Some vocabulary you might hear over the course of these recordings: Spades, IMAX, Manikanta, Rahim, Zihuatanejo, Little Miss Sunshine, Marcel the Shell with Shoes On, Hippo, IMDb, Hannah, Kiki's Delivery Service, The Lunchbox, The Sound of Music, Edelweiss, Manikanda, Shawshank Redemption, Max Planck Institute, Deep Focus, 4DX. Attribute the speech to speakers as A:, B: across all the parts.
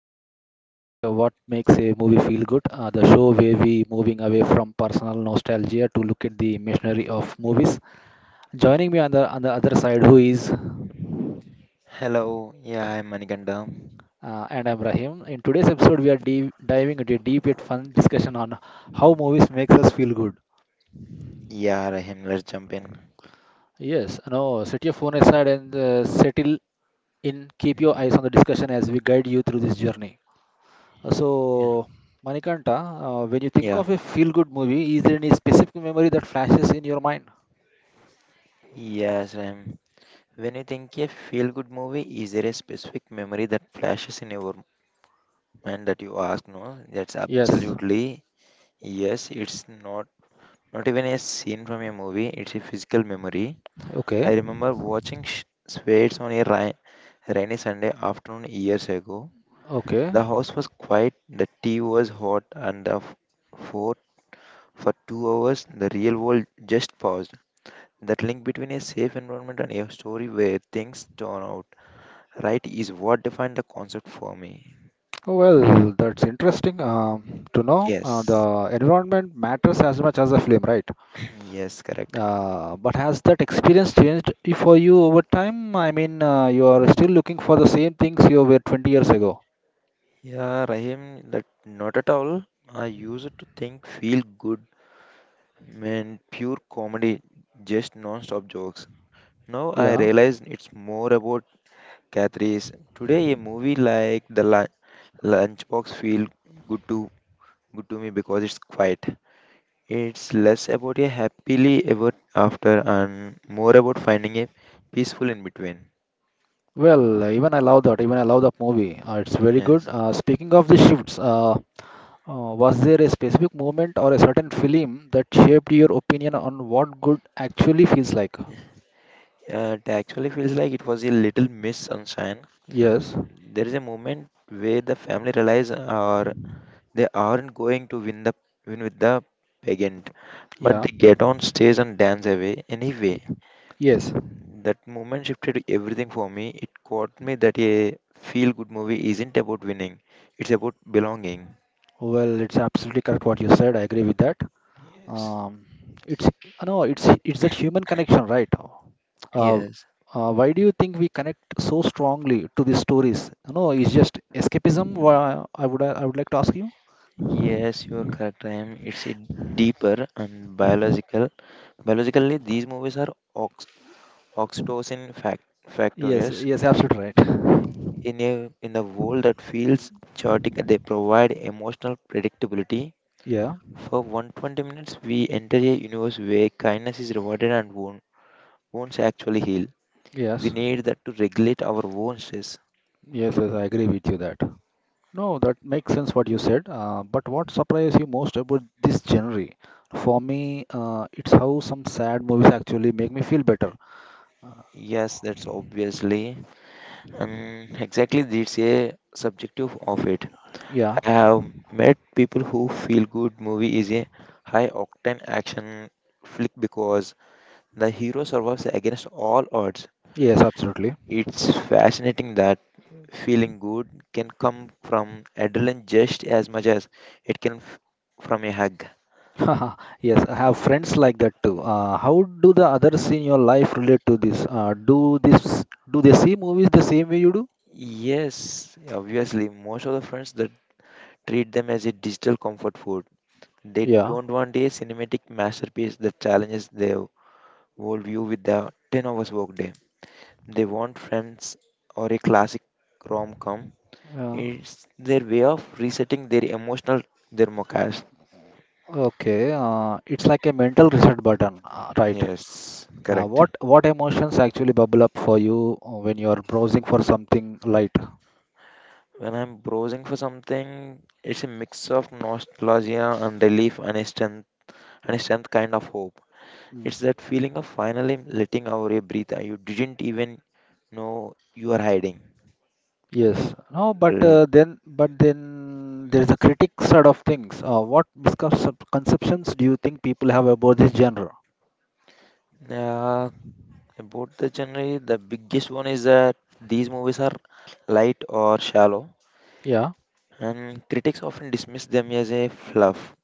A: are ta talking about what makes a movie feel good. The show where we moving away from personal nostalgia to look at the machinery of movies. Joining me on the other side, who is
B: Hello, yeah, I'm Manikanda.
A: and I'm Rahim. In today's episode, we are deep, diving into a deep yet fun discussion on how movies makes us feel good.
B: Yeah, Rahim, let's jump in.
A: Yes, no, set your phone aside and settle in. Keep your eyes on the discussion as we guide you through this journey.
B: Yeah.
A: So, Manikanta, when you think
B: Yeah.
A: of a feel-good movie, is there any specific memory that flashes in your mind?
B: Yes, Rahim. When you think a feel good movie, is there a specific memory that flashes in your mind that you ask? No, that's
A: Yes.
B: absolutely yes. It's not even a scene from a movie, it's a physical memory.
A: Okay.
B: I remember watching Spades on a rainy Sunday afternoon years ago.
A: Okay.
B: The house was quiet, the tea was hot, and the four. For 2 hours, the real world just paused. That link between a safe environment and a story where things turn out right is what defined the concept for me.
A: Well, that's interesting to know.
B: Yes,
A: The environment matters as much as the film, right?
B: yes, correct.
A: But has that experience changed for you over time? I mean, you are still looking for the same things you were 20 years ago.
B: Yeah, Rahim, that not at all. I used to think feel good meant pure comedy, just non-stop jokes. Now I
A: Yeah.
B: realize it's more about catharsis. Today, a movie like The Lunchbox feel good to good to me because it's quiet. It's less about a happily ever after and more about finding a peaceful in between.
A: Well, even I love that. Even I love that movie. It's very good.
B: Yes.
A: Speaking of the shifts, was there a specific moment or a certain film that shaped your opinion on what good actually feels like?
B: It actually feels like it was a little miss sunshine.
A: Yes.
B: There is a moment where the family realize are they aren't going to win with the pageant, but
A: Yeah.
B: they get on stage and dance away
A: Ye-
B: anyway.
A: Yes.
B: That moment shifted everything for me. It caught me that a feel good movie isn't about winning; it's about belonging.
A: Well, it's absolutely correct what you said. I agree with that.
B: Yes.
A: Um, it's no, it's that human connection, right? Uh,
B: Yes.
A: why do you think we connect so strongly to these stories? You know, it's just escapism. I would like to ask you.
B: Yes, you're correct. I am. It's a deeper and biological. Biologically, these movies are ox oxytocin
A: Yes.
B: factors
A: Yes. Absolutely right.
B: in a world that feels chaotic. They provide emotional predictability.
A: Yeah.
B: For 120 minutes, we enter a universe where kindness is rewarded and won't actually heal. We
A: Yes.
B: need that to regulate our own stress.
A: Yes. Yes. I agree with you that. No, that makes sense what you said. But what surprised you most about this genre? For me, it's how some sad movies actually make me feel better.
B: Yes, that's obviously. Exactly, that's a subjective of it.
A: Yeah,
B: I have met people who feel good movie is a high octane action flick because the hero survives against all odds.
A: yes, absolutely.
B: It's fascinating that feeling good can come from adrenaline just as much as it can f- from a hug.
A: Yes, I have friends like that too. How do the others in your life relate to this? Do they see movies the same way you do?
B: Yes, obviously, most of the friends that treat them as a digital comfort food. They
A: Yeah,
B: don't want a cinematic masterpiece that challenges their worldview with the 10 hours workday. They want friends or a classic rom com.
A: yeah.
B: It's their way of resetting their emotional thermocast.
A: Okay, it's like a mental reset button, right?
B: Yes,
A: Uh,
B: correct.
A: what what emotions actually bubble up for you when you are browsing for something light?
B: When I'm browsing for something, it's a mix of nostalgia and relief and a strength kind of hope.
A: Hmm.
B: It's that feeling of finally letting out a breath you didn't even know you are hiding.
A: Yes, no, but
B: Really.
A: then there is a critic side of things. What misconceptions do you think people have about this genre?
B: Yeah, about the genre, the biggest one is that these movies are light or shallow.
A: Yeah.
B: And critics often dismiss them as a fluff.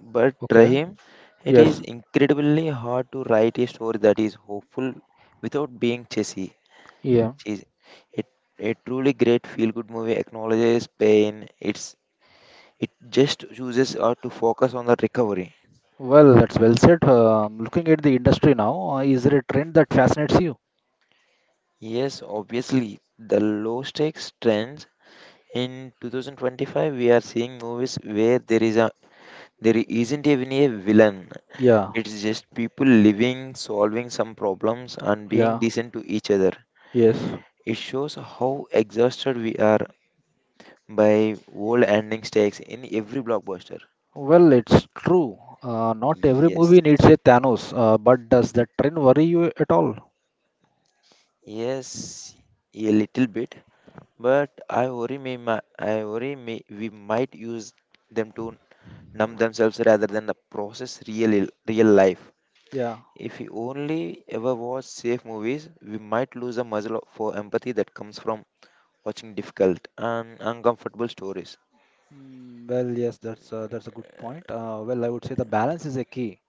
B: But
A: Okay.
B: Rahim, it is
A: Yes.
B: incredibly hard to write a story that is hopeful without being cheesy.
A: Yeah.
B: Cheesy. It, a truly great feel-good movie acknowledges pain. It's it just chooses to focus on the recovery.
A: Well, that's well said. Um, looking at the industry now, is there a trend that fascinates you?
B: Yes, obviously, the low stakes trends in 2025 we are seeing movies where there isn't even a villain.
A: Yeah.
B: It's just people living, solving some problems, and being
A: Yeah.
B: decent to each other.
A: Yes.
B: It shows how exhausted we are by world ending stakes in every blockbuster.
A: Well, it's true. Not every movie
B: Yes,
A: needs a Thanos, but does that trend worry you at all?
B: yes, a little bit, but I worry me, we might use them to numb themselves rather than the process real life.
A: Yeah.
B: If we only ever watch safe movies, we might lose the muscle for empathy that comes from watching difficult and uncomfortable stories.
A: Mm, well, yes, that's a good point. Well, I would say the balance is a key.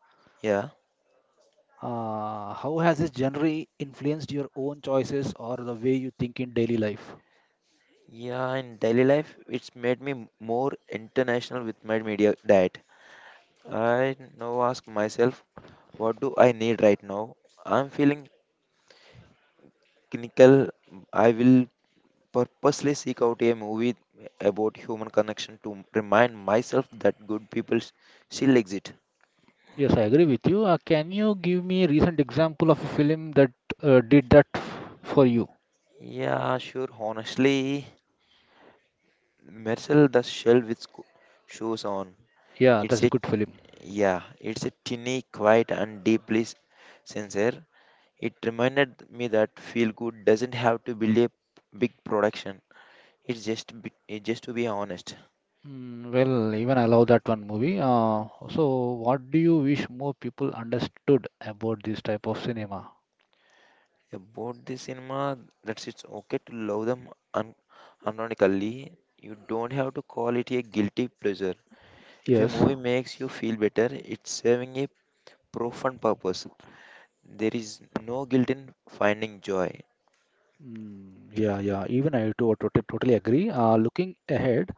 B: Yeah.
A: How has this generally influenced your own choices or the way you think in daily life?
B: Yeah, in daily life, it's made me more international with my media diet. I now ask myself, what do I need right now? I'm feeling clinical. I will purposely seek out a movie about human connection to remind myself that still exist.
A: Yes, I agree with you. Can you give me a recent example of a film that did for you?
B: Yeah, sure. Honestly, Marcel the shell with shoes on.
A: Yeah,
B: It's
A: that's
B: a
A: a good film.
B: Yeah, it's a tiny, quiet, and deeply sincere. It reminded me that feel good doesn't have to be a big production. It's just to be honest
A: Mm, well, even I love that one movie. So, what do you wish more people understood about this type of cinema?
B: about the cinema. That's it's okay to love them unironically. You don't have to call it a guilty pleasure. If a
A: Yes.
B: movie makes you feel better, it's serving a profound purpose. There is no guilt in finding joy.
A: Mm, yeah, yeah. Even I totally agree. Looking ahead,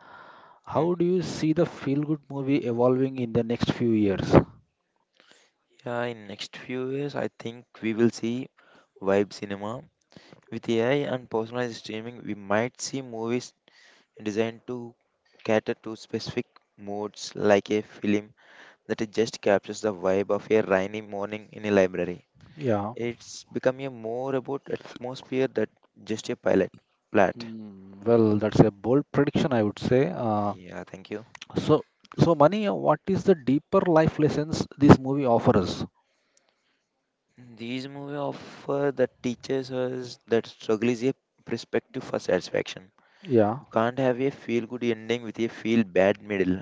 B: Hmm?
A: how do you see the feel-good movie evolving in the next few years?
B: Yeah, in next few years, I think we will see vibe cinema. With AI and personalized streaming, we might see movies designed to cater to specific moods, like a film that just captures the vibe of a rainy morning in a library.
A: Yeah.
B: It's becoming more about atmosphere than just a pilot plot.
A: Mm, well, that's a bold prediction, I would say.
B: Yeah, thank you.
A: So, so Mani, what is the deeper life lessons this movie offers?
B: These movies offer that teaches us that struggle is a perspective for satisfaction.
A: Yeah.
B: You can't have a feel good ending with a feel bad middle.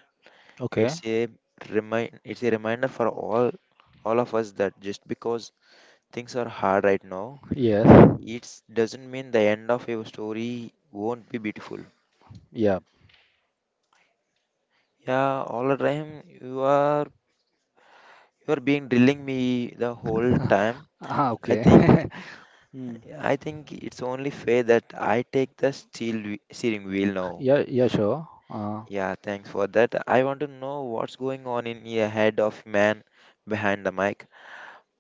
A: Okay.
B: It's a it's a reminder for all of us that just because things are hard right now,
A: Yes.
B: it doesn't mean the end of your story won't be beautiful.
A: Yeah.
B: Yeah, all the time you are being drilling me the whole time.
A: Ah,
B: I
A: okay.
B: think
A: Hmm.
B: I think it's only fair that I take the steering wheel now.
A: Yeah. Yeah. Sure.
B: Yeah, thanks for that. I want to know what's going on in your head of man behind the mic.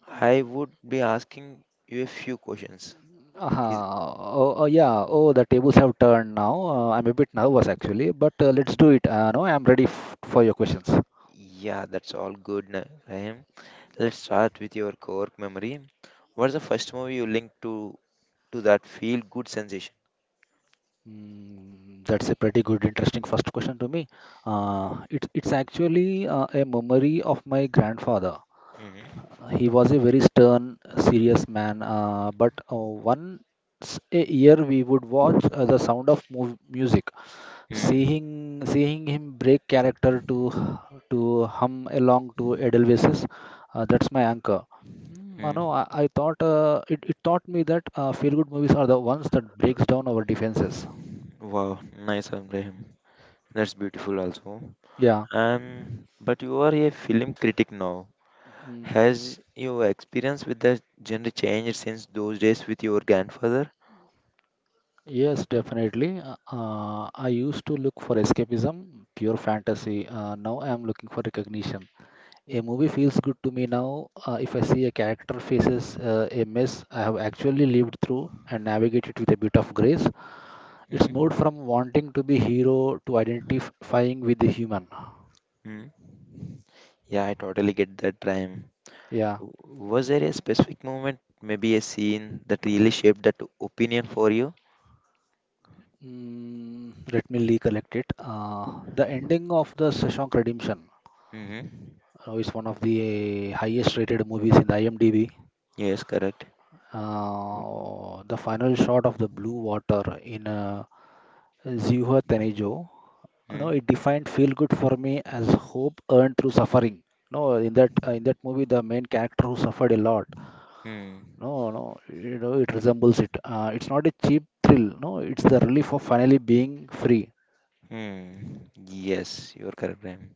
B: I would be asking you a few questions. Is
A: Oh, yeah. Oh, the tables have turned now. I'm a bit nervous actually, but let's do it. No, I'm ready f for your questions.
B: yeah, that's all good, Rahim. Let's start with your core memory. What's the first movie you linked to that feel good sensation?
A: Mm, that's a pretty good, interesting first question to me. It's actually a memory of my grandfather.
B: Mm-hmm.
A: He was a very stern, serious man. But once a year, we would watch The Sound of mu Music,
B: Mm-hmm.
A: seeing him break character to hum along to Edelweiss's. That's my anchor. Mm, I know. I thought it taught me that feel-good movies are the ones that breaks down our defenses.
B: Wow, nice, one, Rahim. That's beautiful also.
A: Yeah.
B: Um, but you are a film critic now.
A: Mm,
B: Has your experience with the genre changed since those days with your grandfather?
A: yes, definitely. I used to look for escapism, pure fantasy. Now I am looking for recognition. A movie feels good to me now if I see a character faces a mess I have actually lived through and navigate it with a bit of grace. It's moved
B: Mm-hmm.
A: from wanting to be hero to identifying with the human.
B: Yeah, I totally get that, Rahim.
A: Yeah.
B: Was there a specific moment, maybe a scene that really shaped that opinion for you?
A: Mm, let me recollect it. The ending of the Shawshank Redemption
B: Mm-hmm.
A: is one of the highest rated movies in the IMDb.
B: Yes, correct.
A: The final shot of the blue water in Zihuatanejo, you know, it defined feel good for me as hope earned through suffering. No, in that movie, the main character who suffered a lot.
B: Mm-hmm.
A: No, no, you know, it resembles it. It's not a cheap thrill. No, it's the relief of finally being free.
B: Hmm, yes, you're correct, Prem.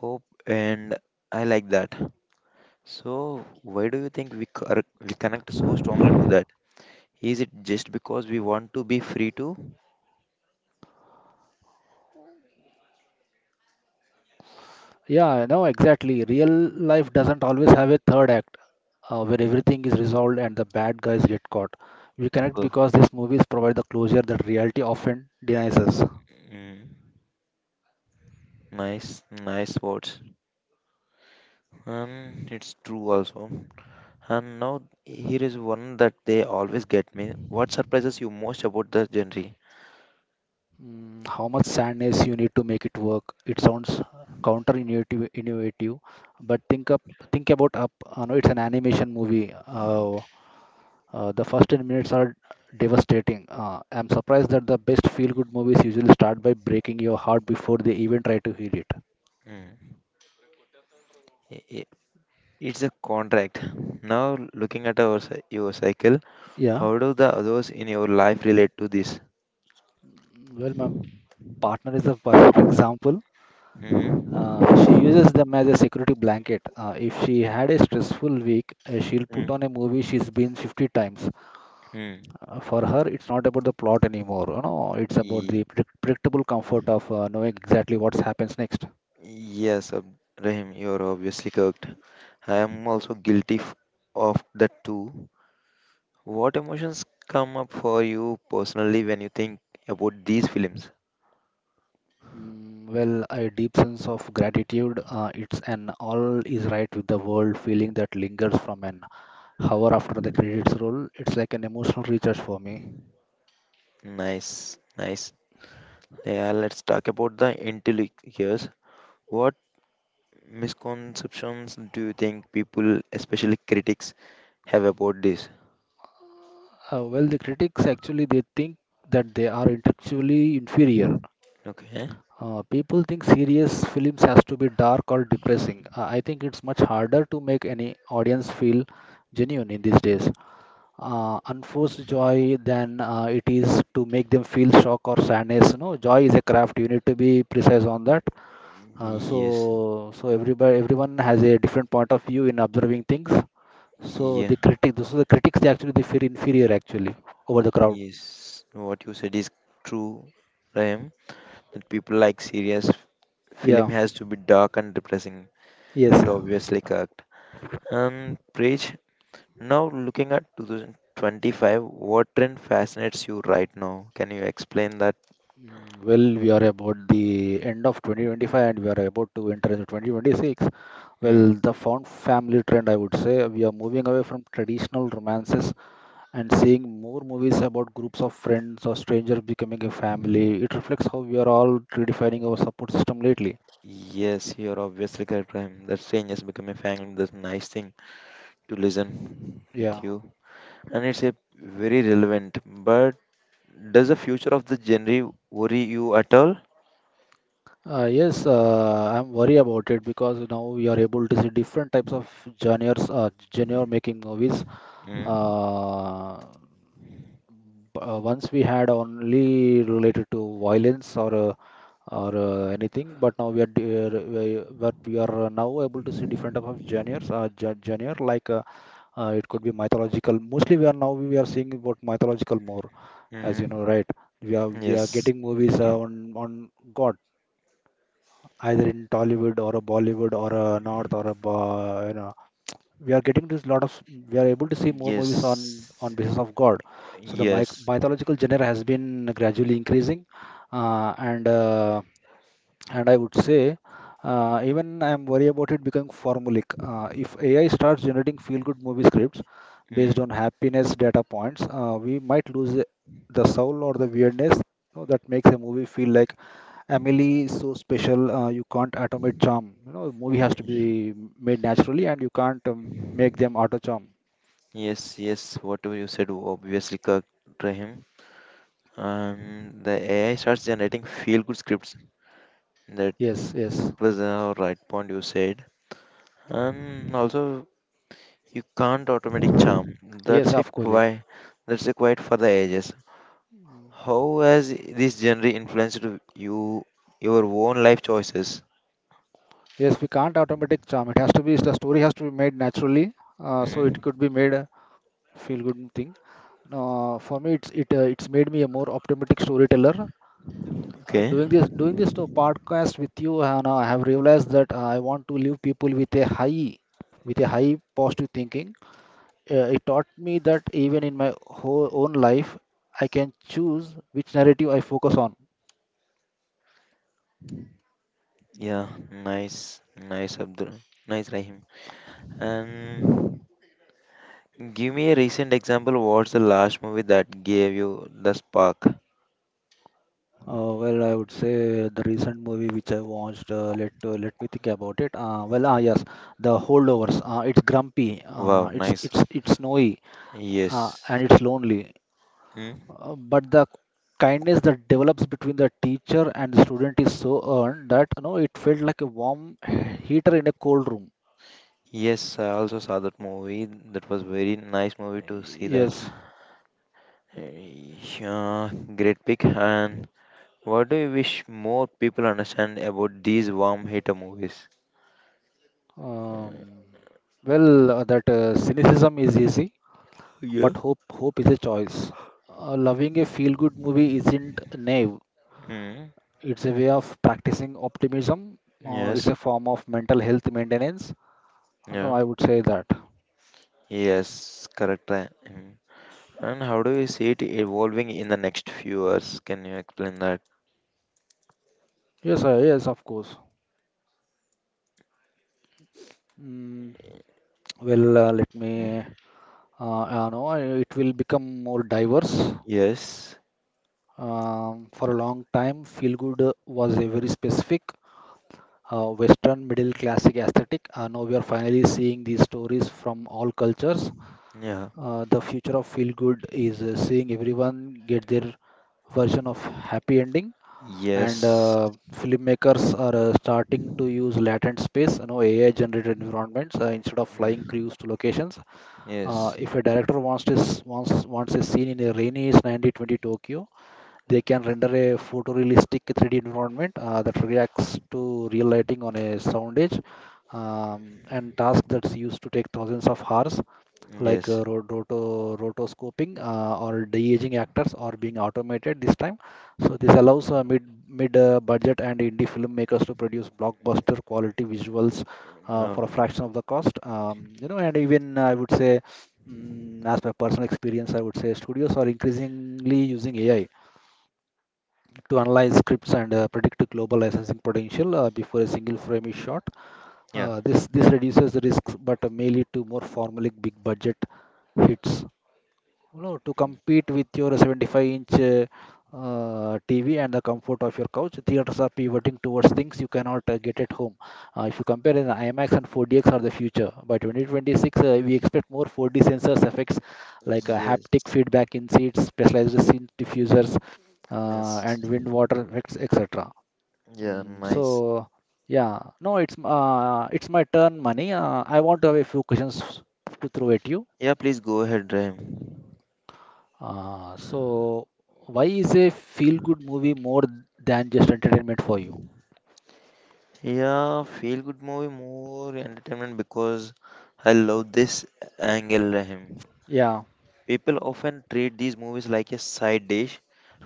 B: Hope and I like that. So, why do you think we connect so strongly to that? Is it just because we want to be free to?
A: Yeah, I know exactly. Real life doesn't always have a third act where
B: Mm.
A: everything is resolved and the bad guys get caught. We connect
B: Oh.
A: because these movies provide the closure that reality often denies us.
B: Mm. Nice, nice words. It's true also. And now here is one that they always get me. What surprises you most about the genre?
A: Mm, how much sadness you need to make it work? It sounds counterintuitive, innovative, but think about up. I know it's an animation movie. The first 10 minutes are devastating. I'm surprised that the best feel-good movies usually start by breaking your heart before they even try to heal it.
B: Mm. I- i- It's a contract. Now looking at your cycle,
A: Yeah.
B: how do the others in your life relate to this?
A: Well, my partner is a perfect example. She uses
B: Mm.
A: them as a security blanket. If she had a stressful week, she'll put
B: Mm.
A: on a movie she's been 50 times.
B: Mm.
A: For her, it's not about the plot anymore. You know, it's about
B: Ye-
A: the predictable comfort of knowing exactly what happens next.
B: Yes, Rahim, you're obviously correct. I am also of that too. What emotions come up for you personally when you think about these films?
A: Mm, well, a deep sense of gratitude. It's an all is right with the world feeling that lingers from an hour after the credits roll. It's like an emotional recharge for me.
B: Nice, nice. Yeah, let's talk about the intellect here. What misconceptions do you think people, especially critics, have about this?
A: Well, the critics actually they think that they are intellectually inferior.
B: Okay.
A: People think serious films has to be dark or depressing. I think it's much harder to make any audience feel genuine in these days. Unforced joy than it is to make them feel shock or sadness. You know, joy is a craft. You need to be precise on that. Uh,
B: Yes.
A: so, so everybody, everyone has a different point of view in observing things. So
B: Yeah.
A: the critics, so the critics, they actually they feel inferior actually over the crowd.
B: Yes. What you said is true, Rahim. That people like serious film
A: Yeah.
B: has to be dark and depressing.
A: Yes.
B: That obviously correct. Preach, now looking at 2025, what trend fascinates you right now? Can you explain that?
A: Mm, well, we are about the end of 2025 and we are about to enter into 2026.
B: Hmm.
A: Well, the found family trend, I would say, we are moving away from traditional romances and seeing more movies about groups of friends or strangers becoming a family. It reflects how we are all redefining our support system lately.
B: Yes, you're obviously correct, Prime. That saying has become a family. That's a nice thing to listen
A: Yeah.
B: with you, and it's a very relevant. But does the future of the genre worry you at all?
A: Yes, I'm worried about it because now we are able to see different types of genres, genre making movies.
B: Mm.
A: uh, Once we had only related to violence or anything, but now we are d- we, but we are now able to see different type of genres genre like it could be mythological. Mostly we are seeing about mythological more, as you
B: Mm-hmm.
A: know, right? We are
B: Yes.
A: getting movies on god, either in Tollywood or a Bollywood or a north or a you know, we are getting this lot of, we are able to see more movies on
B: Yes.
A: basis of god. So the
B: Yes.
A: mythological genre has been gradually increasing, uh, and uh, and I would say, even I am worried about it becoming formulaic. If AI starts generating feel-good movie scripts
B: Mm.
A: based on happiness data points, we might lose the soul or the weirdness, you know, that makes a movie feel like Emily is so special. You can't automate charm. You know, movie has to be made naturally, and you can't make them auto charm.
B: Yes. Yes. Whatever you said, obviously correct, Rahim. And the AI starts generating feel-good scripts. That
A: Yes, yes,
B: was a right point you said. And also you can't automatic charm.
A: yes. Of course, yeah.
B: That's a quite for the ages. How has this genre influenced you your own life choices?
A: Yes. We can't automatic charm. It has to be the story has to be made naturally. It
B: Hmm?
A: could be made a feel good thing. For me, it's made me a more optimistic storyteller. Uh,
B: Okay.
A: doing this doing this to podcast with you, Hannah, I have realized that I want to leave people with a high positive thinking. It taught me that even in my whole own life, I can choose which narrative I focus on.
B: Yeah. Nice. Nice Abdul. Nice Rahim. And give me a recent example. What's the last movie that gave you the spark?
A: Well, I would say the recent movie which I watched. Let me think about it. Well, ah, yes, The Holdovers. It's grumpy. Uh,
B: Wow.
A: it's
B: Nice.
A: it's it's snowy,
B: Yes.
A: and it's lonely.
B: Hmm?
A: But the kindness that develops between the teacher and the student is so earned that it felt like a warm heater in a cold room.
B: Yes. I also saw that movie. That was very nice movie to see that.
A: Yes.
B: Hey, yeah, great pick. And what do you wish more people understand about these warm hitter movies? Uh,
A: Um, that cynicism is easy,
B: Yeah.
A: but hope is a choice. Loving a feel-good movie isn't naive.
B: Hmm.
A: It's a way of practicing optimism. It's
B: Yes.
A: a form of mental health maintenance. No,
B: Yeah.
A: I would say that.
B: Yes. Correct. Mhm. And how do you see it evolving in the next few years? Can you explain that?
A: Yes, yes, of course. Mm, well, let me no, It will become more diverse.
B: Yes.
A: For a long time, feel good was a very specific Western middle classic aesthetic. Now we are finally seeing these stories from all cultures.
B: Yeah.
A: The future of feel good is seeing everyone get their version of happy ending. And
B: Yes.
A: filmmakers are starting to use latent space, you know, AI-generated environments instead of flying
B: Mm.
A: crews to locations.
B: Yes.
A: If a director wants this wants wants a scene in a rainy, sandy, 20 Tokyo, they can render a photorealistic 3D environment that reacts to real lighting on a sound edge and task that's used to take thousands of hours like
B: Yes.
A: rotoscoping or de-aging actors are being automated this time. So this allows mid mid budget and indie filmmakers to produce blockbuster quality visuals
B: Uh,
A: for a fraction of the cost. You know, and even I would say, as my personal experience, I would say studios are increasingly using AI to analyze scripts and predict global licensing potential before a single frame is shot.
B: yeah.
A: This reduces the risks, but may lead to more formulaic big budget hits, you know, to
B: Mm.
A: compete with your 75-inch TV and the comfort of your couch. Theaters are pivoting towards things you cannot get at home. If you compare it, IMAX and 4DX are the future. By 2026, we expect more 4D sensors effects like
B: Yes.
A: haptic feedback in seats, specialized scene diffusers,
B: Yes.
A: and wind water effects, etc.
B: Yeah.
A: Mm,
B: Nice.
A: so, yeah, no, it's m- It's my turn, Mani. I want to have a few questions to throw at you.
B: Yeah. Please go ahead, Rahim.
A: Uh, so, why is a feel-good movie more than just entertainment for you?
B: Yeah, feel good movie more entertainment because I love this angle, Rahim.
A: Yeah,
B: People often treat these movies like a side dish,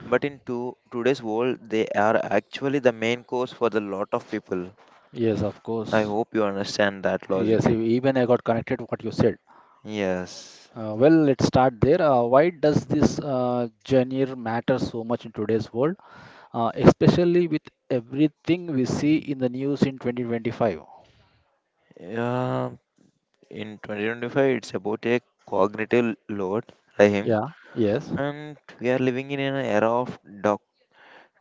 B: but in to today's world, they are actually the main course for the lot of people.
A: yes, of
B: I
A: course.
B: hope you understand that
A: Yes,
B: logic.
A: even I got connected to what you said.
B: Yes.
A: Let's start there. Why does this genre matter so much in today's world, especially with everything we see in the news in 2025?
B: Yeah, in 2025, it's about a cognitive load, Rahim,
A: Yeah, yes,
B: and we are living in an era of doc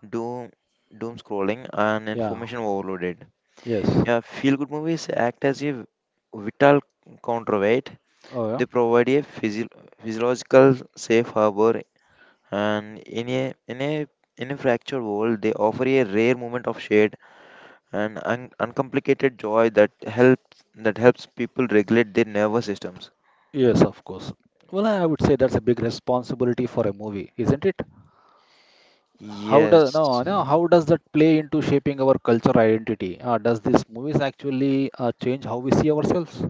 B: doom, doom scrolling and
A: yeah,
B: information overloaded.
A: yes.
B: Yeah, feel good movies act as a vital counterweight.
A: Oh, yeah.
B: They provide a physiological safe harbor, and in a fractured world, they offer a rare moment of shade and uncomplicated joy that helps people regulate their nervous systems.
A: Yes, of course. Well, I would say that's a big responsibility for a movie, isn't it? How does
B: Yes,
A: no, no, How does that play into shaping our culture identity? Does these movies actually change how we see ourselves?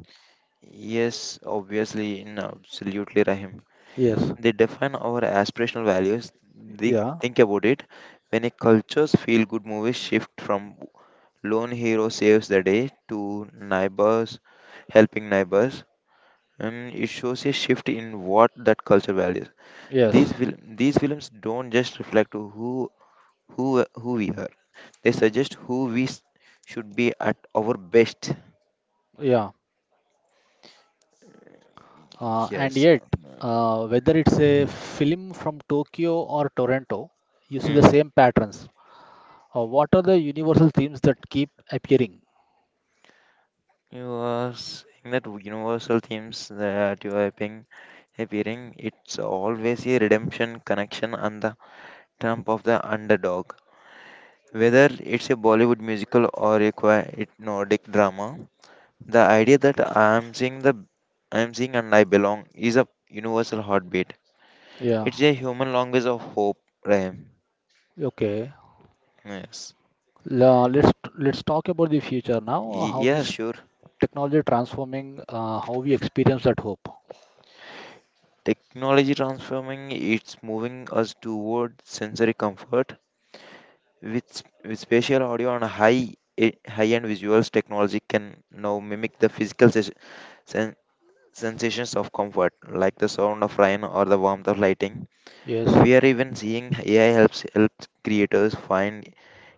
B: yes, obviously, in absolutely, Rahim.
A: Yes.
B: They define our aspirational values. They
A: Yeah.
B: think about it. When a culture's feel-good movies shift from lone hero saves the day to neighbors helping neighbors and it shows a shift in what that culture values
A: Yes.
B: these will these films don't just reflect to who who we are, they
A: Mm.
B: suggest should be at our best.
A: Yeah. And
B: Yes.
A: yet,
B: Um.
A: whether it's a film from Tokyo or Toronto, you see the
B: Mm.
A: same patterns. What are the universal themes that keep appearing?
B: You are saying that universal themes that you are appearing, it's always a redemption connection and the trump of the underdog. Whether it's a Bollywood musical or a quiet Nordic drama, the idea that I am seeing and I belong is a universal heartbeat.
A: Yeah.
B: It's a human language of hope, Rahim.
A: Okay.
B: Yes.
A: La- let's let's talk about the future now.
B: Y-
A: How
B: Yeah,
A: is
B: sure.
A: technology transforming how we experience that hope?
B: Technology transforming, it's moving us toward sensory comfort. With spatial audio and high end visuals, technology can now mimic the physical sen- sensations of comfort, like the sound of rain or the warmth of lighting.
A: Yes.
B: We are even seeing AI helps creators find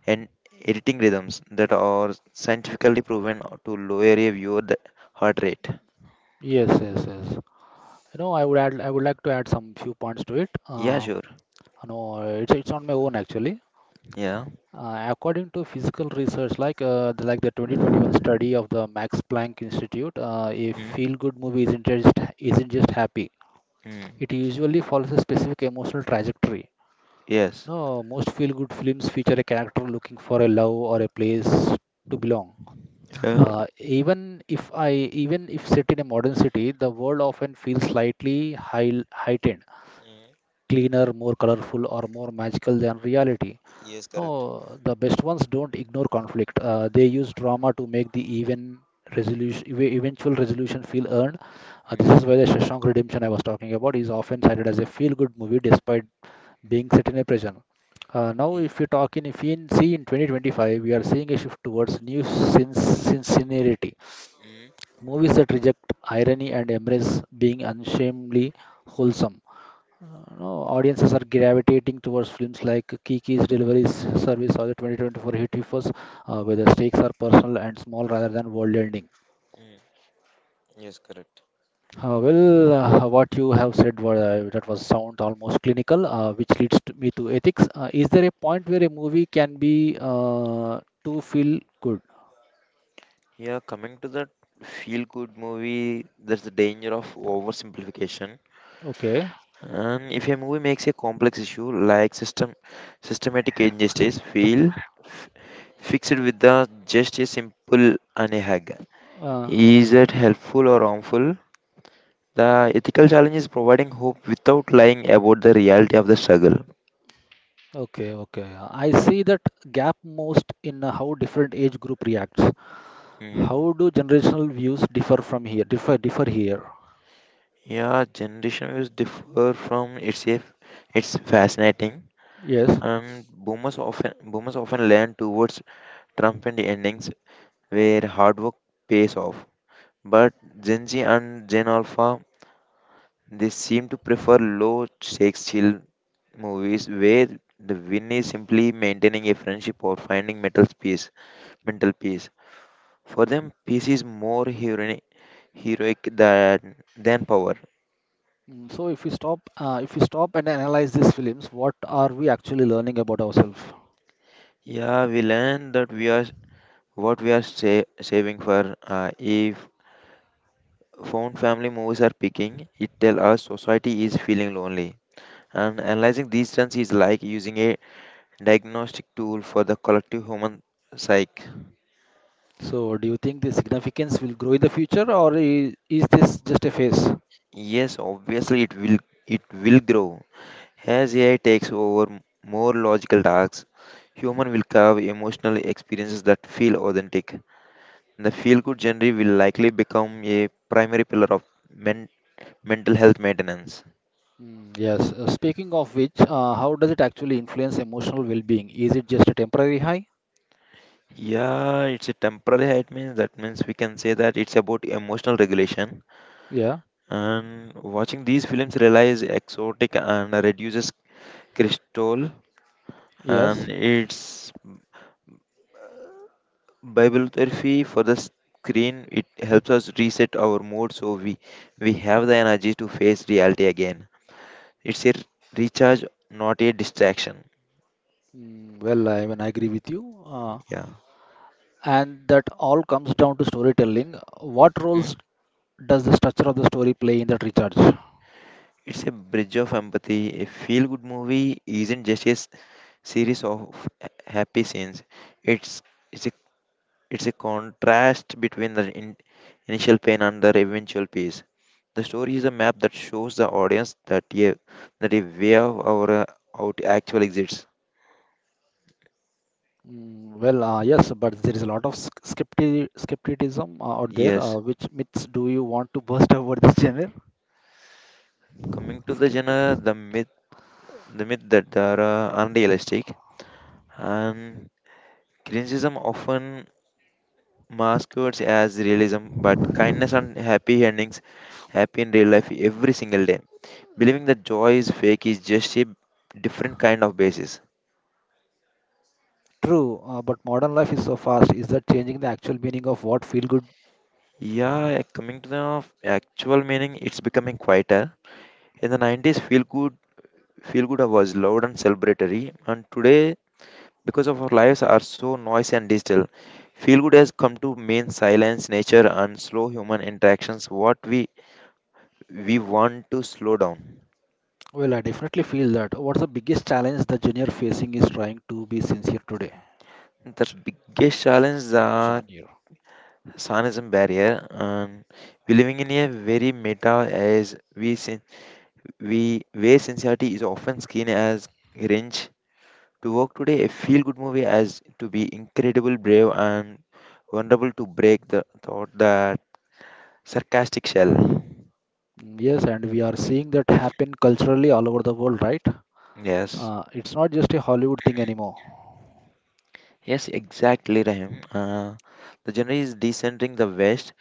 B: and editing rhythms that are scientifically proven to lower a viewer heart rate.
A: Yes, yes, yes. You know, I would add, I would like to add some few points to it.
B: Yeah, sure.
A: You know, it's on my own actually.
B: Yeah.
A: According to physical research, like the 2021 study of the Max Planck Institute, a
B: Mm.
A: feel-good movie isn't just happy.
B: Mm.
A: It usually follows a specific emotional trajectory.
B: Yes.
A: No, most feel-good films feature a character looking for a love or a place to belong.
B: Yeah.
A: Even if set in a modern city, the world often feels heightened,
B: Mm.
A: cleaner, more colorful, or more magical than reality.
B: Yes, correct.
A: No, the best ones don't ignore conflict. They use drama to make the eventual resolution feel earned. This
B: Mm.
A: is why the Shawshank Redemption I was talking about is often cited as a feel-good movie despite being set in a prison. Now,
B: Mm.
A: if you talk in, if you see in 2025, we are seeing a shift towards sincerity.
B: Mm.
A: Movies that reject irony and embrace being unshamedly wholesome. No, Audiences are gravitating towards films like Kiki's Delivery Service or the 2024 hit Hippos, where the stakes are personal and small rather than world-ending.
B: Mm. Yes, correct.
A: What you have said was that was sound almost clinical, which leads to me to ethics. Is there a point where a movie can be to feel good?
B: Yeah, coming to that feel good movie, there's the danger of oversimplification.
A: Okay.
B: And if a movie makes a complex issue like systematic injustice feel f- fix with the just a simple and a hug.
A: Uh,
B: Is it helpful or harmful? The ethical challenge is providing hope without lying about the reality of the struggle.
A: okay. I see that gap most in how different age group reacts.
B: Mm.
A: How do generational views differ from here? Differ here.
B: Yeah, generation views differ from it's fascinating.
A: Yes.
B: And boomers often lean towards triumphant endings where hard work pays off. But Gen Z and Gen Alpha, they seem to prefer low stakes chill movies where the win is simply maintaining a friendship or finding mental peace. Mental peace. For them, peace is more heroic, heroic than power.
A: So if we stop and analyze these films, what are we actually learning about ourselves?
B: Yeah, we learn that we are what we are saving for. If found family movies are picking, it tell us society is feeling lonely. And analyzing these trends is like using a diagnostic tool for the collective human psyche.
A: So do you think the significance will grow in the future, or is this just a phase?
B: Yes, obviously it will grow. As AI takes over more logical tasks, human will carve emotional experiences that feel authentic. The feel good genre will likely become a primary pillar of men- mental health maintenance.
A: Mm, yes. Speaking of which, how does it actually influence emotional well-being? Is it just a temporary high?
B: Yeah, it's a temporary height means that means we can say that it's about emotional regulation.
A: Yeah.
B: And watching these films relies exotic and reduces crystal and
A: Yes.
B: it's bibliotherapy for the screen. It helps us reset our mood so we have the energy to face reality again. It's a recharge, not a distraction.
A: Mm, well, I even agree with you.
B: Yeah.
A: And that all comes down to storytelling. What roles
B: Mm.
A: does the structure of the story play in that recharge?
B: It's a bridge of empathy. A feel good movie isn't just a series of happy scenes. It's it's a It's a contrast between the initial pain and the eventual peace. The story is a map that shows the audience that yeah, that a way of our out actually exists.
A: Mm, well, yes, but there is a lot of skepticism out there.
B: Yes.
A: Which myths do you want to burst about this genre?
B: Coming to the genre,
A: Skepticism.
B: the myth that they are unrealistic and criticism often masquerades as realism, but kindness and happy endings happen in real life every single day. Believing that joy is fake is just a different kind of basis.
A: True, but modern life is so fast. Is that changing the actual meaning of what feel good?
B: Yeah, coming to the actual meaning, it's becoming quieter. In the 90s, feel good was loud and celebratory, and today, because of our lives are so noisy and digital, feel good has come to mean silence, nature, and slow human interactions. What we want to slow down.
A: Well, I definitely feel that. What's the biggest challenge the junior facing is trying to be sincere today?
B: The
A: Ch-
B: biggest challenge is
A: Genre.
B: the
A: Genre.
B: Sanism barrier, and we're living in a very meta as we where sincerity is often seen as cringe to work today, a feel good movie as to be incredible, brave, and wonderful to break the thought that sarcastic shell.
A: Mm. Yes, and we are seeing that happen culturally all over the world, right?
B: Yes.
A: It's not just a Hollywood thing anymore.
B: Yes, exactly, Rahim. The genre is descending the West.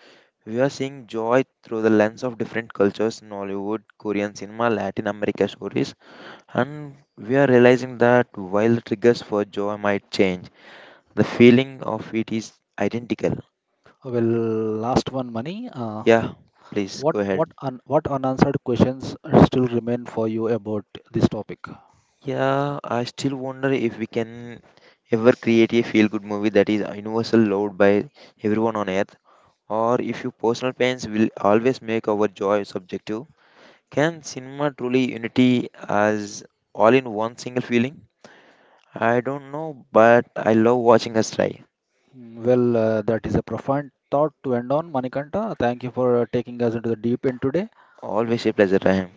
B: We are seeing joy through the lens of different cultures in Hollywood, Korean cinema, Latin America stories, and we are realizing that while the triggers for joy might change, the feeling of it is identical.
A: Well, last one, Mani.
B: Yeah, please go ahead.
A: What unanswered questions still remain for you about this topic?
B: Yeah, I still wonder if we can ever create a feel good movie that is universal loved by everyone on earth, or if your personal pains will always make our joy subjective. Can cinema truly unity as all in one single feeling? I don't know, but I love watching us try.
A: Mm. Well, that is a profound thought to end on, Manikanta. Thank you for taking us into the deep end today.
B: Always a pleasure, Rahim.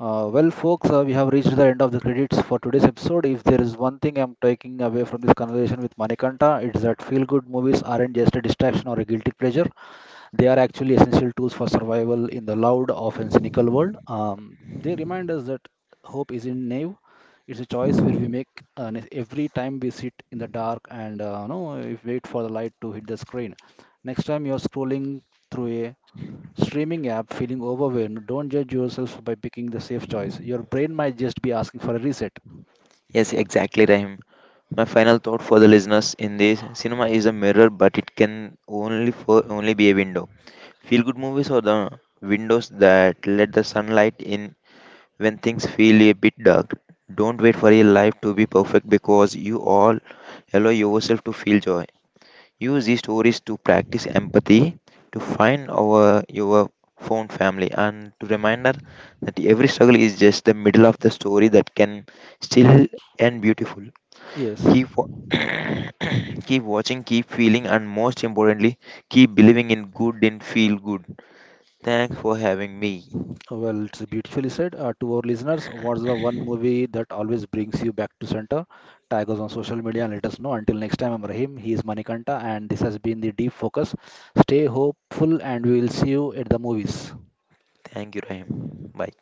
A: Folks, we have reached the end of the credits for today's episode. If there is one thing I'm taking away from this conversation with Manikanta, it's that feel-good movies aren't just a distraction or a guilty pleasure. They are actually essential tools for survival in the loud, often cynical world. They remind us that hope isn't naive. It's a choice where we make every time we sit in the dark and no, if wait for the light to hit the screen. Next time you're scrolling through a streaming app feeling overwhelmed, don't judge yourself by picking the safe choice. Your brain might just be asking for a reset.
B: Yes, exactly, Rahim. My final thought for the listeners in this cinema is a mirror, but it can only be a window. Feel good movies are the windows that let the sunlight in when things feel a bit dark. Don't wait for your life to be perfect because you all allow yourself to feel joy. Use these stories to practice empathy, to find our your found family, and to reminder that every struggle is just the middle of the story that can still end beautiful.
A: Yes.
B: Keep wa- keep watching, keep feeling, and most importantly, keep believing in good and feel good. Thanks for having me.
A: Well, it's beautifully said. To our listeners, what's the one movie that always brings you back to center? Tag us on social media and let us know. Until next time, I'm Rahim. He is Manikanta, and this has been the Deep Focus. Stay hopeful, and we will see you at the movies.
B: Thank you, Rahim. Bye.